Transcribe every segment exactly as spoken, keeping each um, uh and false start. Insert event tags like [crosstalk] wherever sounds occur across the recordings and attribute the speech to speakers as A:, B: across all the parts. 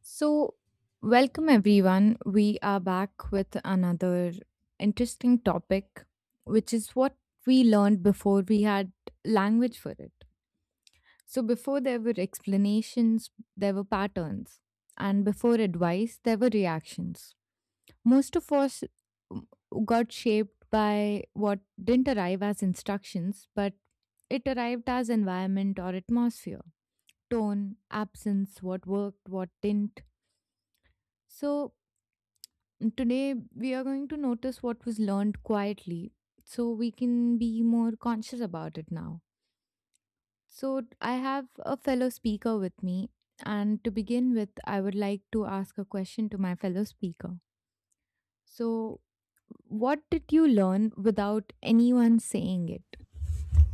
A: So, welcome everyone. We are back with another interesting topic, which is what we learned before we had language for it. So, before there were explanations, there were patterns, and before advice, there were reactions. Most of us got shaped by what didn't arrive as instructions, but it arrived as environment or atmosphere, tone, absence, what worked, what didn't. So, Today, we are going to notice what was learned quietly so we can be more conscious about it now. So, I have a fellow speaker with me, and to begin with, I would like to ask a question to my fellow speaker. So, what did you learn without anyone saying it?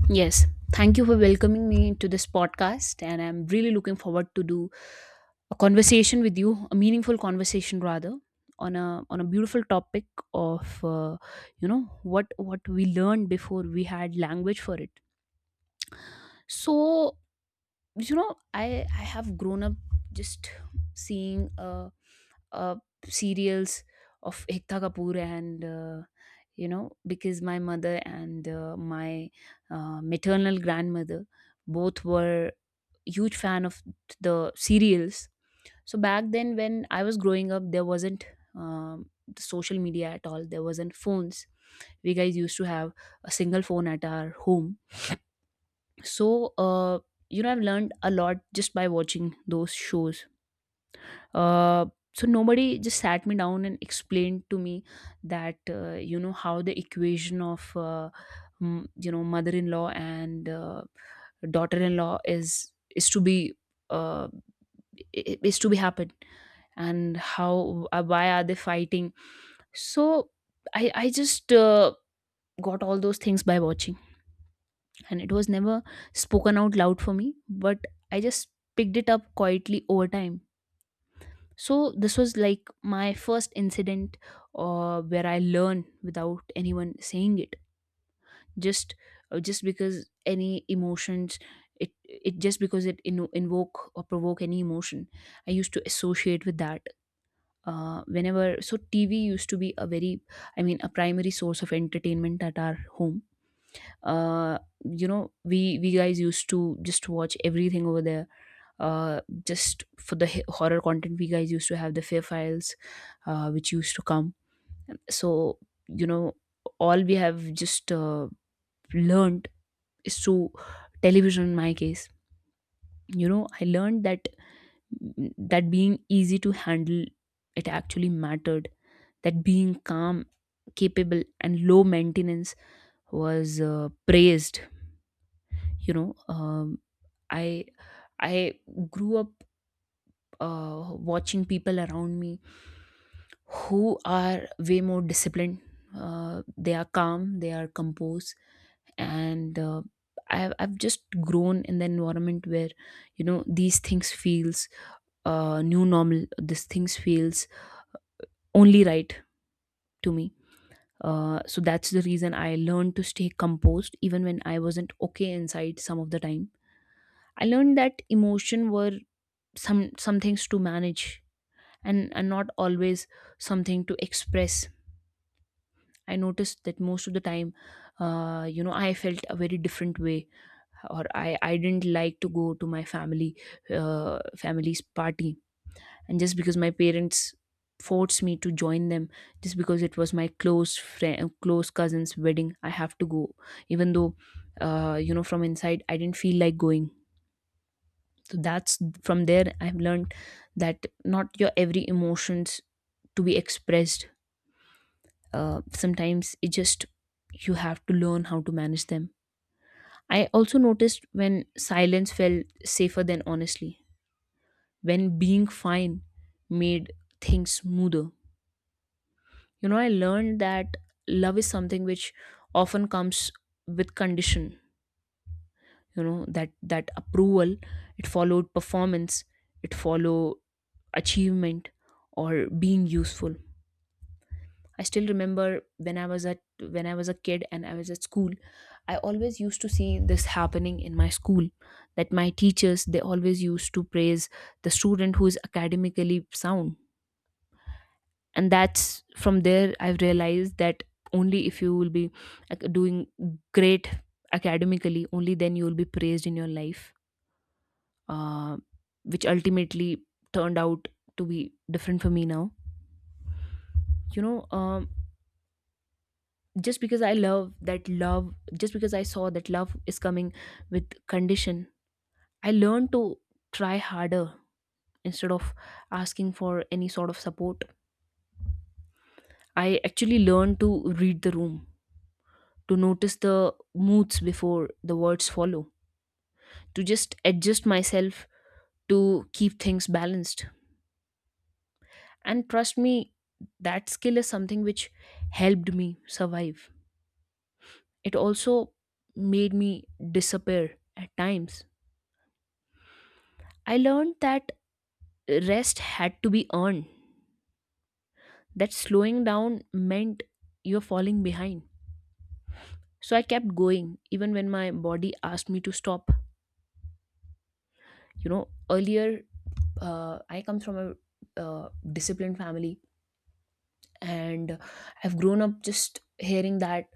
B: Yes, thank you for welcoming me to this podcast, and I'm really looking forward to do a conversation with you, a meaningful conversation rather, on a on a beautiful topic of uh, you know what what we learned before we had language for it. So you know i i have grown up just seeing uh, uh serials of Ekta Kapoor, and uh, you know because my mother and uh, my uh, maternal grandmother both were huge fan of the serials. So back then when I was growing up, there wasn't um, the social media at all, there wasn't phones. We guys used to have a single phone at our home. So uh, you know I've learned a lot just by watching those shows. uh, so nobody just sat me down and explained to me that uh, you know how the equation of uh, m- you know mother-in-law and uh, daughter-in-law is is to be uh, i- i- is to be happened, and how uh, why are they fighting. So i i just uh, got all those things by watching, and it was never spoken out loud for me, but I just picked it up quietly over time. So this was like my first incident uh, where I learned without anyone saying it. just uh, just because any emotions, it it just because it in, invoke or provoke any emotion, I used to associate with that uh, whenever. So TV used to be a very, I mean, a primary source of entertainment at our home. uh you know we we guys used to just watch everything over there. Uh just for the h- horror content, we guys used to have the Fear Files, uh which used to come. So, you know all we have just uh, learned is through television in my case. you know I learned that that being easy to handle, it actually mattered, that being calm, capable and low maintenance was uh, praised. you know um, I I grew up uh, watching people around me who are way more disciplined. Uh, they are calm, they are composed, and uh, I've I've just grown in the environment where you know these things feels uh, new normal. These things feels only right to me. Uh, so that's the reason I learned to stay composed even when I wasn't okay inside some of the time. I learned that emotion were some some things to manage, and and not always something to express. I noticed that most of the time, uh, you know I felt a very different way, or i i didn't like to go to my family uh, family's party, and just because my parents forced me to join them, just because it was my close friend close cousin's wedding, I have to go. Even though uh, you know from inside I didn't feel like going. So that's from there I've learned that not your every emotions to be expressed. Uh, sometimes, it just you have to learn how to manage them. I also noticed when silence felt safer than honestly, when being fine made things smoother. you know I learned that love is something which often comes with condition. you know that that approval, it followed performance, it followed achievement, or being useful. I still remember when I was at when I was a kid and I was at school, I always used to see this happening in my school, that my teachers, they always used to praise the student who is academically sound. And that's from there I've realized that only if you will be ac- doing great academically, only then you will be praised in your life, uh, which ultimately turned out to be different for me now. You know, um, just because i love that love just because I saw that love is coming with condition, I learned to try harder instead of asking for any sort of support. I actually learned to read the room, to notice the moods before the words follow, to just adjust myself, to keep things balanced. And trust me, that skill is something which helped me survive. It also made me disappear at times. I learned that rest had to be earned. That slowing down meant you're falling behind. So I kept going even when my body asked me to stop. You know, earlier, uh, I come from a uh, disciplined family, and I've grown up just hearing that,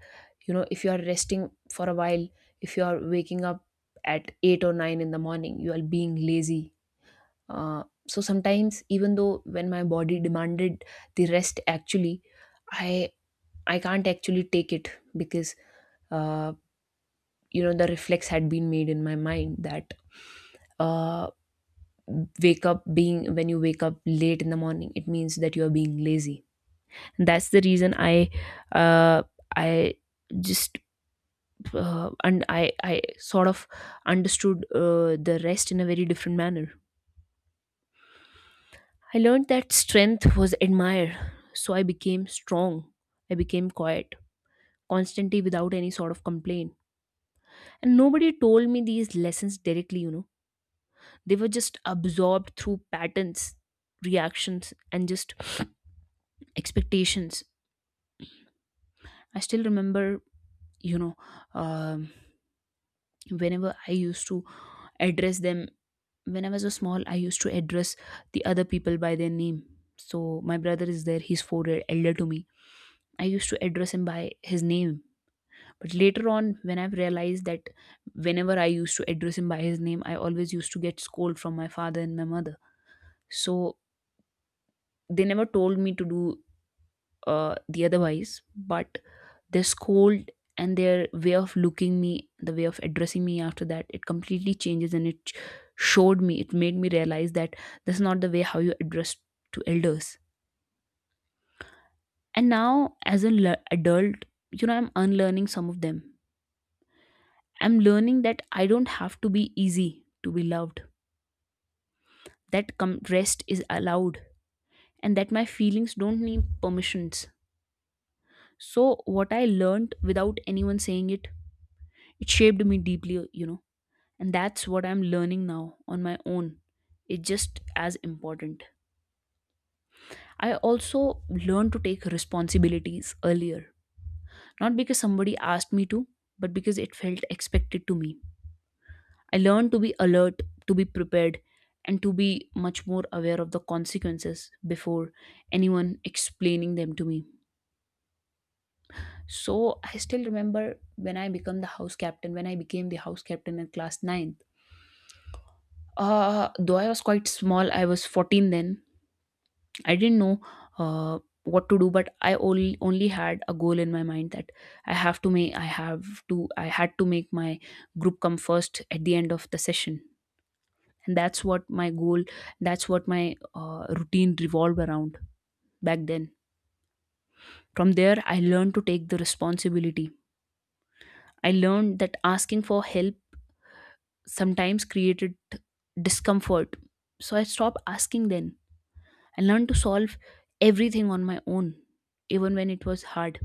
B: you know, if you are resting for a while, if you are waking up at eight or nine in the morning, you are being lazy. Uh, so sometimes, even though when my body demanded the rest, actually, I I can't actually take it, because uh, you know the reflex had been made in my mind that uh, wake up being when you wake up late in the morning, it means that you are being lazy. That's the reason I uh, I just uh, and I I sort of understood uh, the rest in a very different manner. I learned that strength was admired, so I became strong. I became quiet constantly without any sort of complaint. And nobody told me these lessons directly, you know. They were just absorbed through patterns, reactions, and just expectations. I still remember, you know, um, whenever I used to address them, when I was a small, I used to address the other people by their name. So my brother is there, he's four year elder to me. I used to address him by his name. But later on, when I've realized that whenever I used to address him by his name, I always used to get scold from my father and my mother. So they never told me to do uh, the otherwise, but their scold and their way of looking me, the way of addressing me after that, it completely changes, and it sh- showed me, it made me realize that that's not the way how you address to elders. And now as an le- adult, you know I'm unlearning some of them. I'm learning that I don't have to be easy to be loved, that com- rest is allowed, and that my feelings don't need permissions. So what I learned without anyone saying it, it shaped me deeply, you know, and that's what I'm learning now on my own. It's just as important. I also learned to take responsibilities earlier, not because somebody asked me to, but because it felt expected to me. I learned to be alert, to be prepared, and to be much more aware of the consequences before anyone explaining them to me. So I still remember when I became the house captain, when I became the house captain in class nine. Uh, though I was quite small, I was fourteen then. I didn't know uh, what to do, but I only only had a goal in my mind that I have to make, I have to, I had to make my group come first at the end of the session, and that's what my goal, that's what my uh, routine revolved around back then. From there, I learned to take the responsibility. I learned that asking for help sometimes created discomfort, so I stopped asking. Then I learned to solve everything on my own, even when it was hard.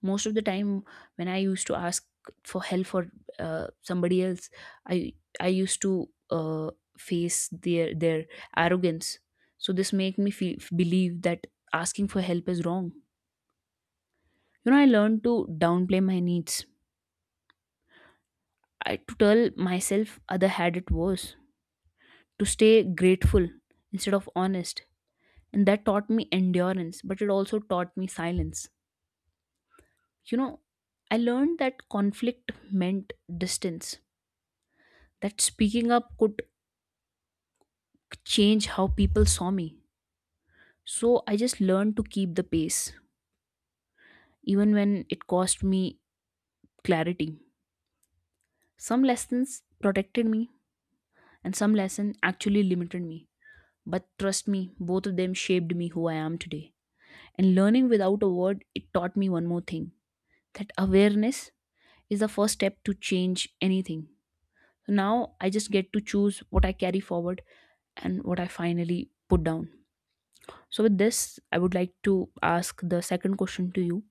B: Most of the time, when I used to ask for help for uh, somebody else, I I used to uh, face their their arrogance. So this make me feel believe that asking for help is wrong. You know, I learned to downplay my needs. I To tell myself other had it worse. To stay grateful instead of honest, and that taught me endurance, but it also taught me silence. You know, I learned that conflict meant distance, that speaking up could change how people saw me. So I just learned to keep the pace, even when it cost me clarity. Some lessons protected me, and some lesson actually limited me. But trust me, both of them shaped me who I am today. And learning without a word, it taught me one more thing, that awareness is the first step to change anything. So, now I just get to choose what I carry forward and what I finally put down. So, with this, I would like to ask the second question to you.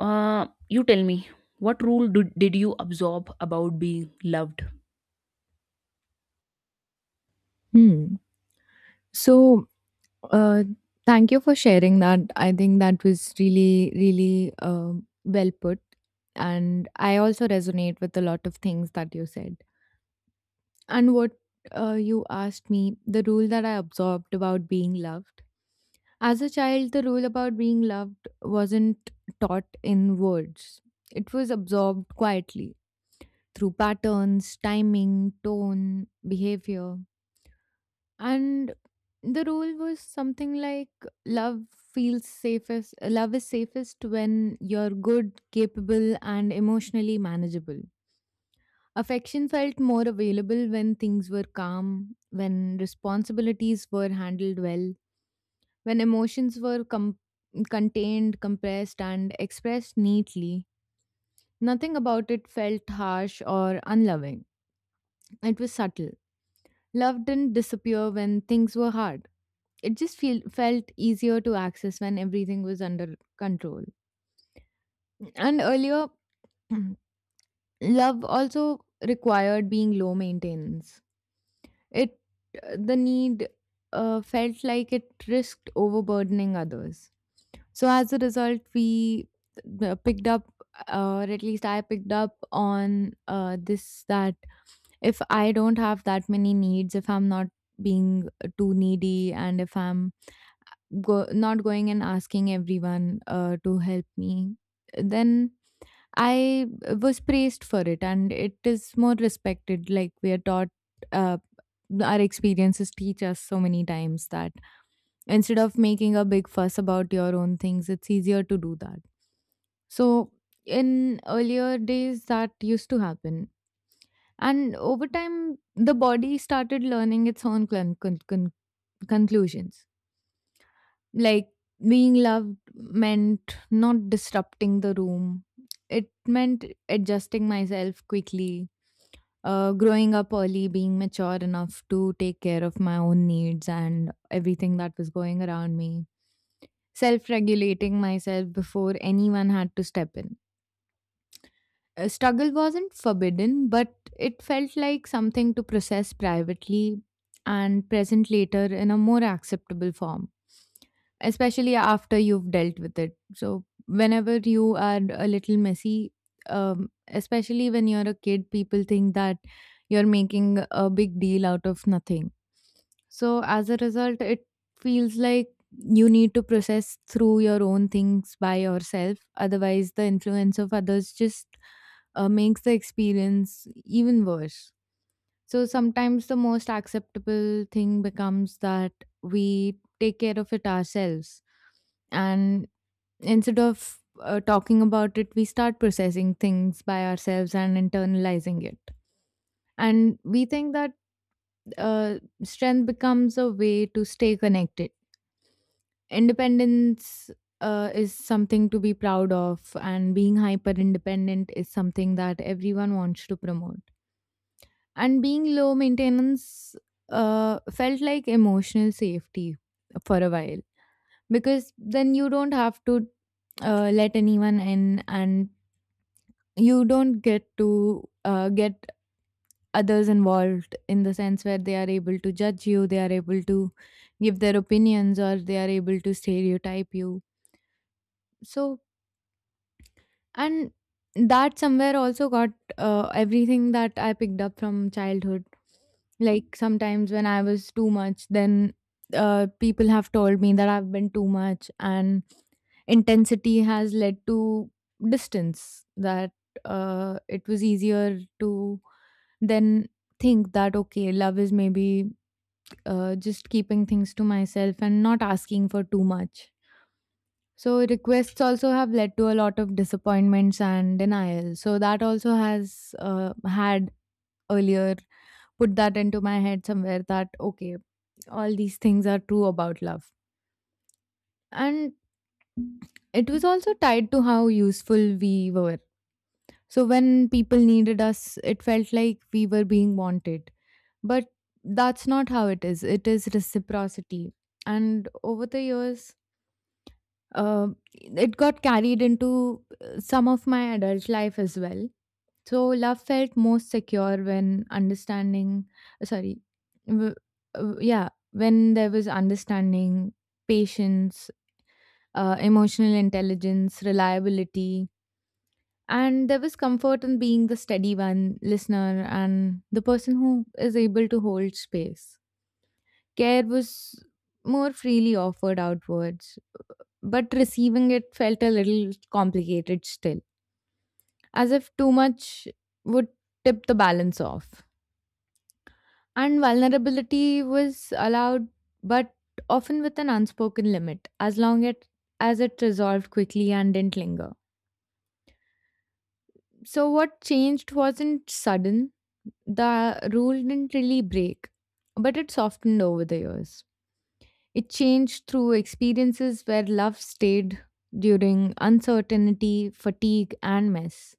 B: Uh, you tell me, what rule do, did you absorb about being loved?
A: Hmm. So, uh, thank you for sharing that. I think that was really, really uh, well put. And I also resonate with a lot of things that you said. And what uh, you asked me, the rule that I absorbed about being loved. As a child, the rule about being loved wasn't taught in words, it was absorbed quietly through patterns, timing, tone, behavior. And the rule was something like love feels safest, love is safest when you're good, capable, and emotionally manageable. Affection felt more available when things were calm, when responsibilities were handled well, when emotions were com- contained, compressed, and expressed neatly. Nothing about it felt harsh or unloving. It was subtle. Love didn't disappear when things were hard. It just feel- felt easier to access when everything was under control. And earlier, [clears throat] love also required being low maintenance. It The need uh, felt like it risked overburdening others. So as a result, we uh, picked up, uh, or at least I picked up on uh, this that if I don't have that many needs, if I'm not being uh, too needy, and if I'm go- not going and asking everyone uh, to help me, then I was praised for it, and it is more respected. Like we are taught, uh, our experiences teach us so many times that instead of making a big fuss about your own things, it's easier to do that. So in earlier days, that used to happen, and over time, the body started learning its own con- con- con- conclusions, like. Being loved meant not disrupting the room. It meant adjusting myself quickly, uh, growing up early, being mature enough to take care of my own needs and everything that was going around me, self regulating myself before anyone had to step in. Uh, struggle wasn't forbidden, but it felt like something to process privately and present later in a more acceptable form, especially after you've dealt with it. So, whenever you are a little messy, um, especially when you're a kid, people think that you're making a big deal out of nothing. So, as a result, it feels like you need to process through your own things by yourself. Otherwise, the influence of others just uh, makes the experience even worse. So sometimes the most acceptable thing becomes that we take care of it ourselves. And instead of uh, talking about it, we start processing things by ourselves and internalizing it. And we think that uh, strength becomes a way to stay connected. Independence uh, is something to be proud of, and being hyper independent is something that everyone wants to promote. And being low maintenance uh, felt like emotional safety for a while because then you don't have to uh, let anyone in and you don't get to uh, get others involved in the sense where they are able to judge you, they are able to give their opinions, or they are able to stereotype you. So. And that somewhere also got uh, everything that I picked up from childhood. Like sometimes when I was too much, then uh, people have told me that I've been too much, and intensity has led to distance. That uh, it was easier to then think that okay, love is maybe uh, just keeping things to myself and not asking for too much. So requests also have led to a lot of disappointments and denial. So that also has uh, had earlier put that into my head somewhere that okay, all these things are true about love. And it was also tied to how useful we were. So when people needed us, it felt like we were being wanted. But that's not how it is. It is reciprocity. And over the years, uh, it got carried into uh, some of my adult life as well. So love felt most secure when understanding. uh, Sorry, w- uh, yeah, when there was understanding, patience, uh, emotional intelligence, reliability, and there was comfort in being the steady one, listener, and the person who is able to hold space. Care was more freely offered outwards but receiving it felt a little complicated still, as if too much would tip the balance off. And vulnerability was allowed, but often with an unspoken limit, as long it, as it resolved quickly and didn't linger. So, what changed wasn't sudden, the rule didn't really break, but it softened over the years. It changed through experiences where love stayed during uncertainty, fatigue, and mess.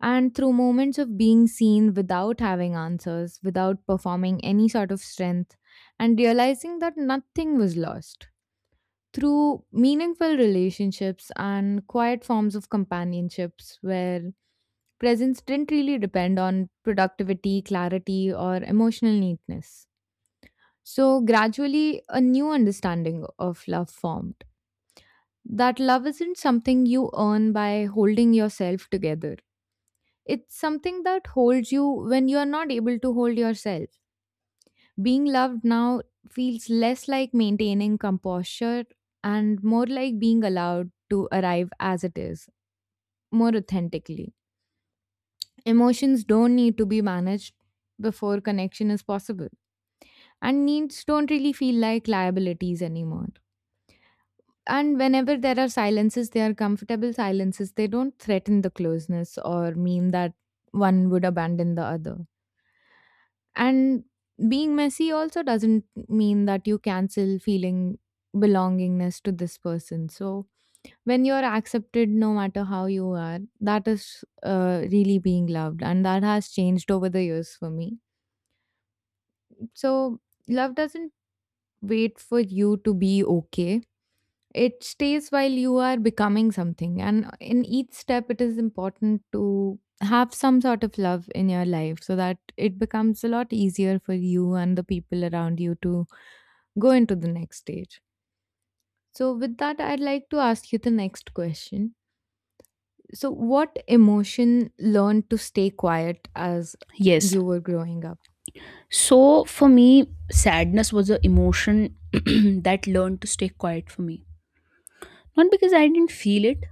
A: And through moments of being seen without having answers, without performing any sort of strength, and realizing that nothing was lost. Through meaningful relationships and quiet forms of companionships where presence didn't really depend on productivity, clarity, or emotional neatness. So, gradually, a new understanding of love formed. That love isn't something you earn by holding yourself together. It's something that holds you when you are not able to hold yourself. Being loved now feels less like maintaining composure and more like being allowed to arrive as it is, more authentically. Emotions don't need to be managed before connection is possible, and needs don't really feel like liabilities anymore. And whenever there are silences, they are comfortable silences. They don't threaten the closeness or mean that one would abandon the other. And being messy also doesn't mean that you cancel feeling belongingness to this person. So when you're accepted no matter how you are, that is uh, really being loved. And that has changed over the years for me. So love doesn't wait for you to be okay, it stays while you are becoming something, and in each step, it is important to have some sort of love in your life so that it becomes a lot easier for you and the people around you to go into the next stage. So, with that, I'd like to ask you the next question. So, what emotion learned to stay quiet as
B: Yes.
A: you were growing up?
B: So, for me, sadness was an emotion [clears throat] that learned to stay quiet for me. Not because I didn't feel it,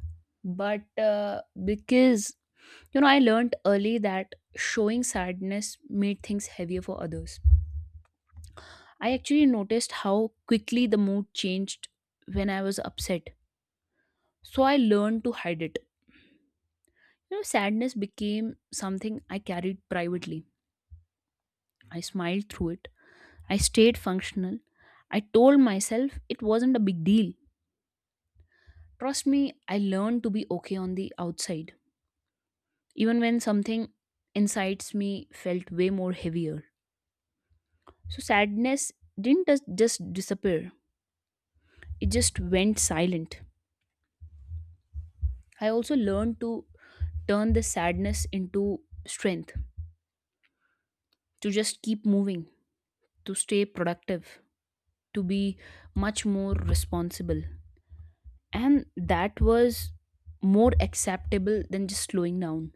B: but uh, because, you know, I learned early that showing sadness made things heavier for others. I actually noticed how quickly the mood changed when I was upset. So I learned to hide it. You know, sadness became something I carried privately. I smiled through it. I stayed functional. I told myself it wasn't a big deal. Trust me, I learned to be okay on the outside, even when something inside me felt way more heavier. So sadness didn't just just disappear, it just went silent. I also learned to turn the sadness into strength, to just keep moving, to stay productive, to be much more responsible, and that was more acceptable than just slowing down.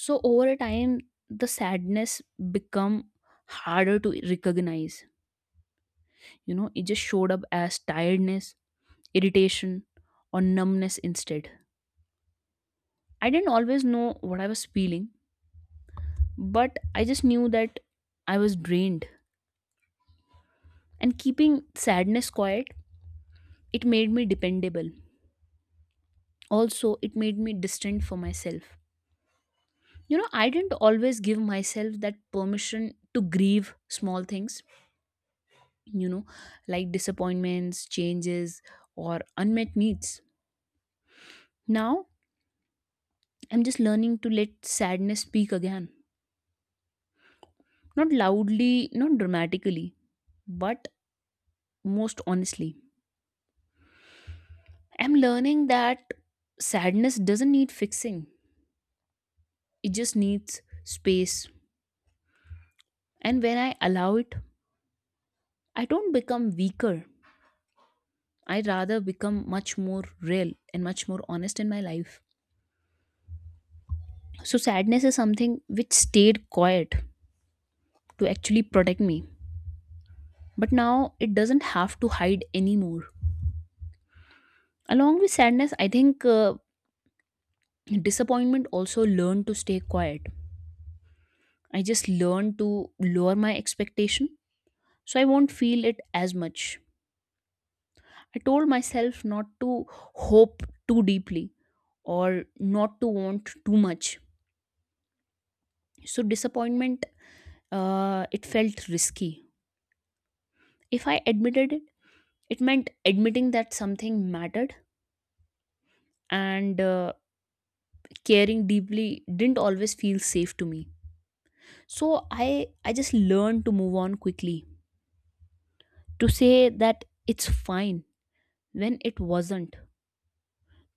B: So over a time, the sadness become harder to recognize. You know, it just showed up as tiredness, irritation, or numbness instead. I didn't always know what I was feeling, but I just knew that I was drained. And keeping sadness quiet, it made me dependable. Also, it made me distant for myself. You know, I didn't always give myself that permission to grieve small things, you know, like disappointments, changes, or unmet needs. Now I'm just learning to let sadness speak again, not loudly, not dramatically, but most honestly. I'm learning that sadness doesn't need fixing, it just needs space. And when I allow it, I don't become weaker, I rather become much more real and much more honest in my life. So sadness is something which stayed quiet to actually protect me. But now it doesn't have to hide anymore. Along with sadness, I think, uh, disappointment also learned to stay quiet. I just learned to lower my expectation so I won't feel it as much. I told myself not to hope too deeply, or not to want too much. So disappointment, uh, it felt risky. If I admitted it, it meant admitting that something mattered, and uh, caring deeply didn't always feel safe to me. So i i just learned to move on quickly, to say that it's fine when it wasn't,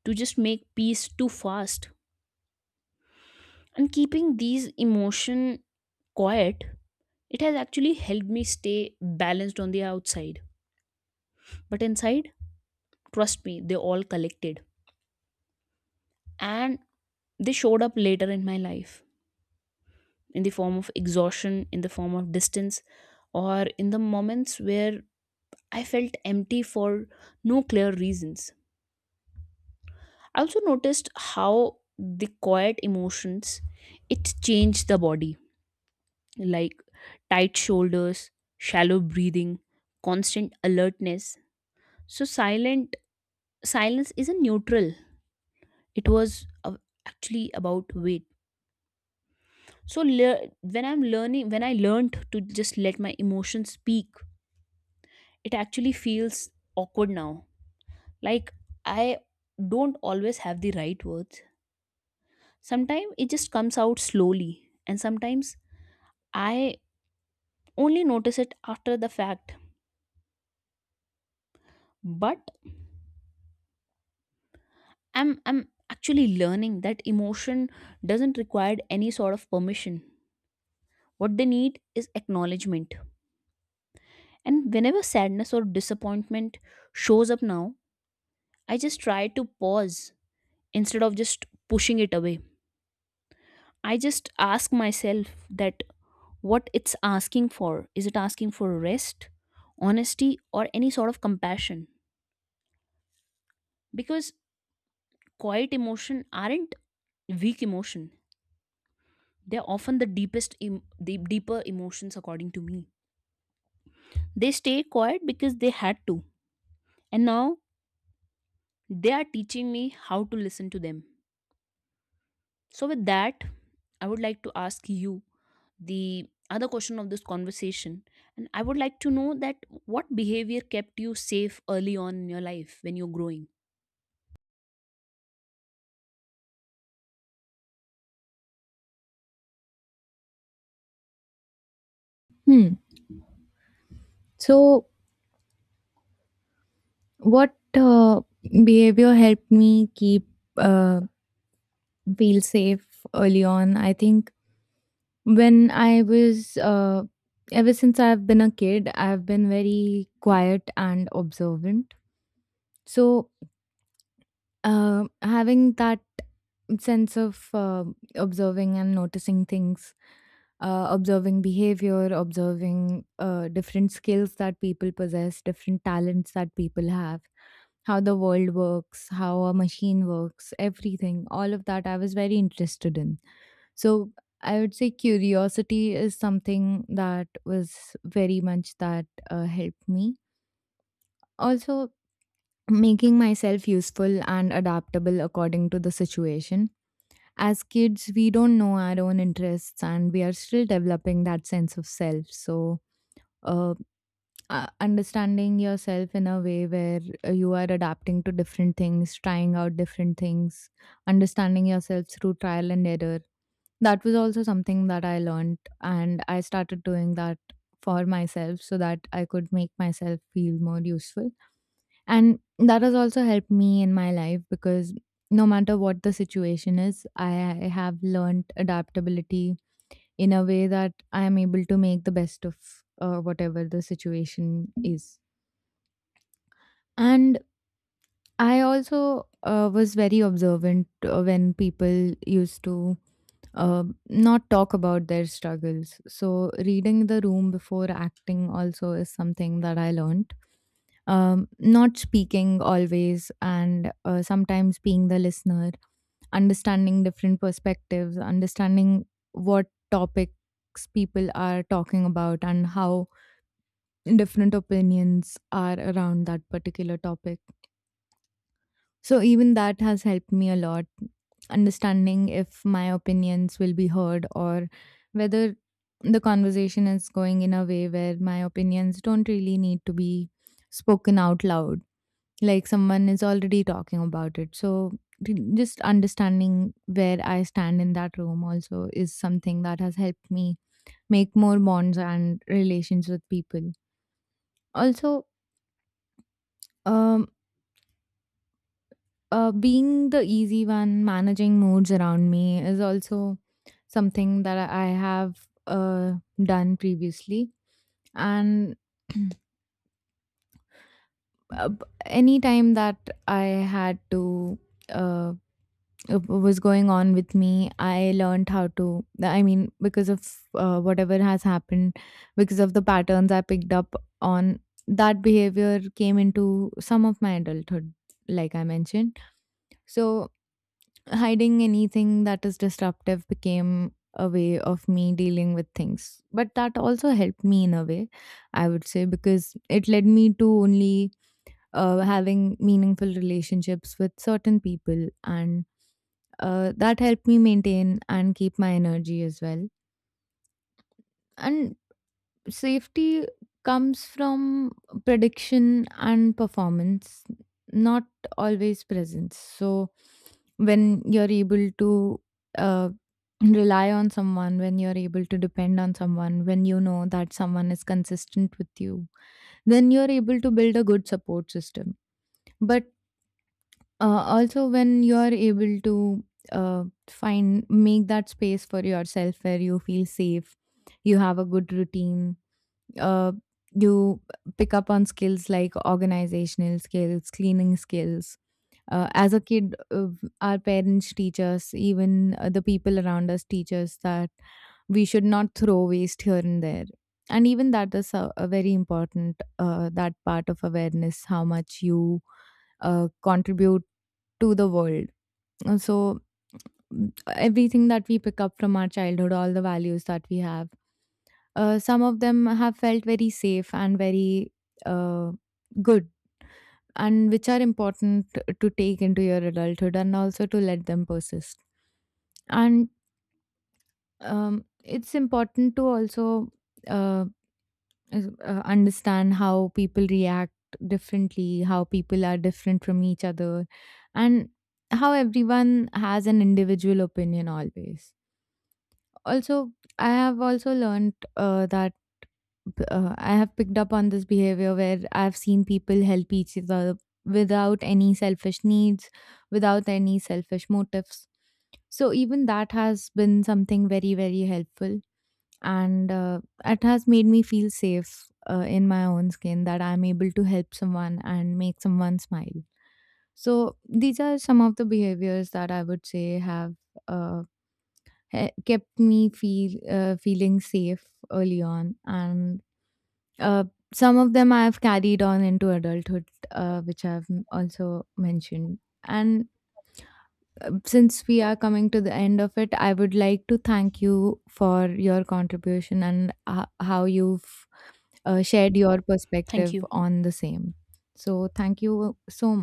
B: to just make peace too fast. And keeping these emotion quiet, it has actually helped me stay balanced on the outside. But inside, trust me, they all collected, and they showed up later in my life, in the form of exhaustion, in the form of distance, or in the moments where I felt empty for no clear reasons. I also noticed how the quiet emotions, it changed the body, like tight shoulders, shallow breathing, constant alertness. So silent silence isn't neutral. It was uh, actually about weight. So lear when I'm learning, when I learned to just let my emotions speak, it actually feels awkward now. Like, I don't always have the right words. Sometimes it just comes out slowly, and sometimes I only notice it after the fact. But i'm i'm actually learning that emotion doesn't require any sort of permission. What they need is acknowledgement. And whenever sadness or disappointment shows up now, I just try to pause. Instead of just pushing it away, I just ask myself that what it's asking for. Is it asking for rest, honesty, or any sort of compassion? Because quiet emotion aren't weak emotion, they're often the deepest em- the deeper emotions according to me. They stay quiet because they had to, and now they are teaching me how to listen to them. So with that, I would like to ask you the other question of this conversation, and I would like to know that what behavior kept you safe early on in your life when you're growing.
A: Hmm. So, what uh, behavior helped me keep uh, feel safe early on? I think When I was, uh, ever since I've been a kid, I've been very quiet and observant. So, uh, having that sense of uh, observing and noticing things, uh, observing behavior, observing uh, different skills that people possess, different talents that people have, how the world works, how a machine works, everything, all of that I was very interested in. So I would say curiosity is something that was very much that uh, helped me. Also, making myself useful and adaptable according to the situation. As kids, we don't know our own interests and we are still developing that sense of self. So, uh, uh, understanding yourself in a way where uh, you are adapting to different things, trying out different things, understanding yourself through trial and error. That was also something that I learned, and I started doing that for myself so that I could make myself feel more useful. And that has also helped me in my life because no matter what the situation is, I have learned adaptability in a way that I am able to make the best of uh, whatever the situation is. And I also uh, was very observant uh, when people used to uh, not talk about their struggles. So, reading the room before acting also is something that I learned. Um, not speaking always, and uh, sometimes being the listener, understanding different perspectives, understanding what topics people are talking about, and how different opinions are around that particular topic, so even that has helped me a lot, understanding if my opinions will be heard or whether the conversation is going in a way where my opinions don't really need to be spoken out loud, like someone is already talking about it. So d- just understanding where I stand in that room also is something that has helped me make more bonds and relations with people. Also, um, Uh, being the easy one, managing moods around me is also something that I I have uh, done previously. And [clears throat] uh, b- any time that I had to uh, uh, was going on with me, I learned how to. I mean, because of uh, whatever has happened, because of the patterns I picked up on, that behavior came into some of my adulthood, like I mentioned. So hiding anything that is disruptive became a way of me dealing with things, but that also helped me in a way, I would say, because it led me to only uh, having meaningful relationships with certain people and uh, that helped me maintain and keep my energy as well. And safety comes from prediction and performance, not always presence. So, when you're able to uh, rely on someone, when you're able to depend on someone, when you know that someone is consistent with you, then you're able to build a good support system. But uh, also, when you're able to uh, find make that space for yourself where you feel safe, you have a good routine, uh, you pick up on skills like organizational skills, cleaning skills. Uh, as a kid, uh, our parents teach us, even uh, the people around us teach us that we should not throw waste here and there. And even that is a, a very important uh, that part of awareness, how much you uh, contribute to the world. Uh, So mm, everything that we pick up from our childhood, all the values that we have, uh, some of them have felt very safe and very uh, good and which are important to take into your adulthood and also to let them persist. And um, it's important to also uh, is- uh, understand how people react differently, how people are different from each other and how everyone has an individual opinion always. Also, I have also learned uh, that b- uh, I have picked up on this behavior where I've seen people help each other without any selfish needs, without any selfish motives. So even that has been something very, very helpful. And uh, it has made me feel safe uh, in my own skin that I'm able to help someone and make someone smile. So these are some of the behaviors that I would say have uh, he- kept me feel uh, feeling safe early on, and uh, some of them I have carried on into adulthood, uh, which I've m- also mentioned. And uh, since we are coming to the end of it, I would like to thank you for your contribution and uh, how you've uh, shared your
B: Thank
A: perspective
B: you.
A: on the same. So, thank you so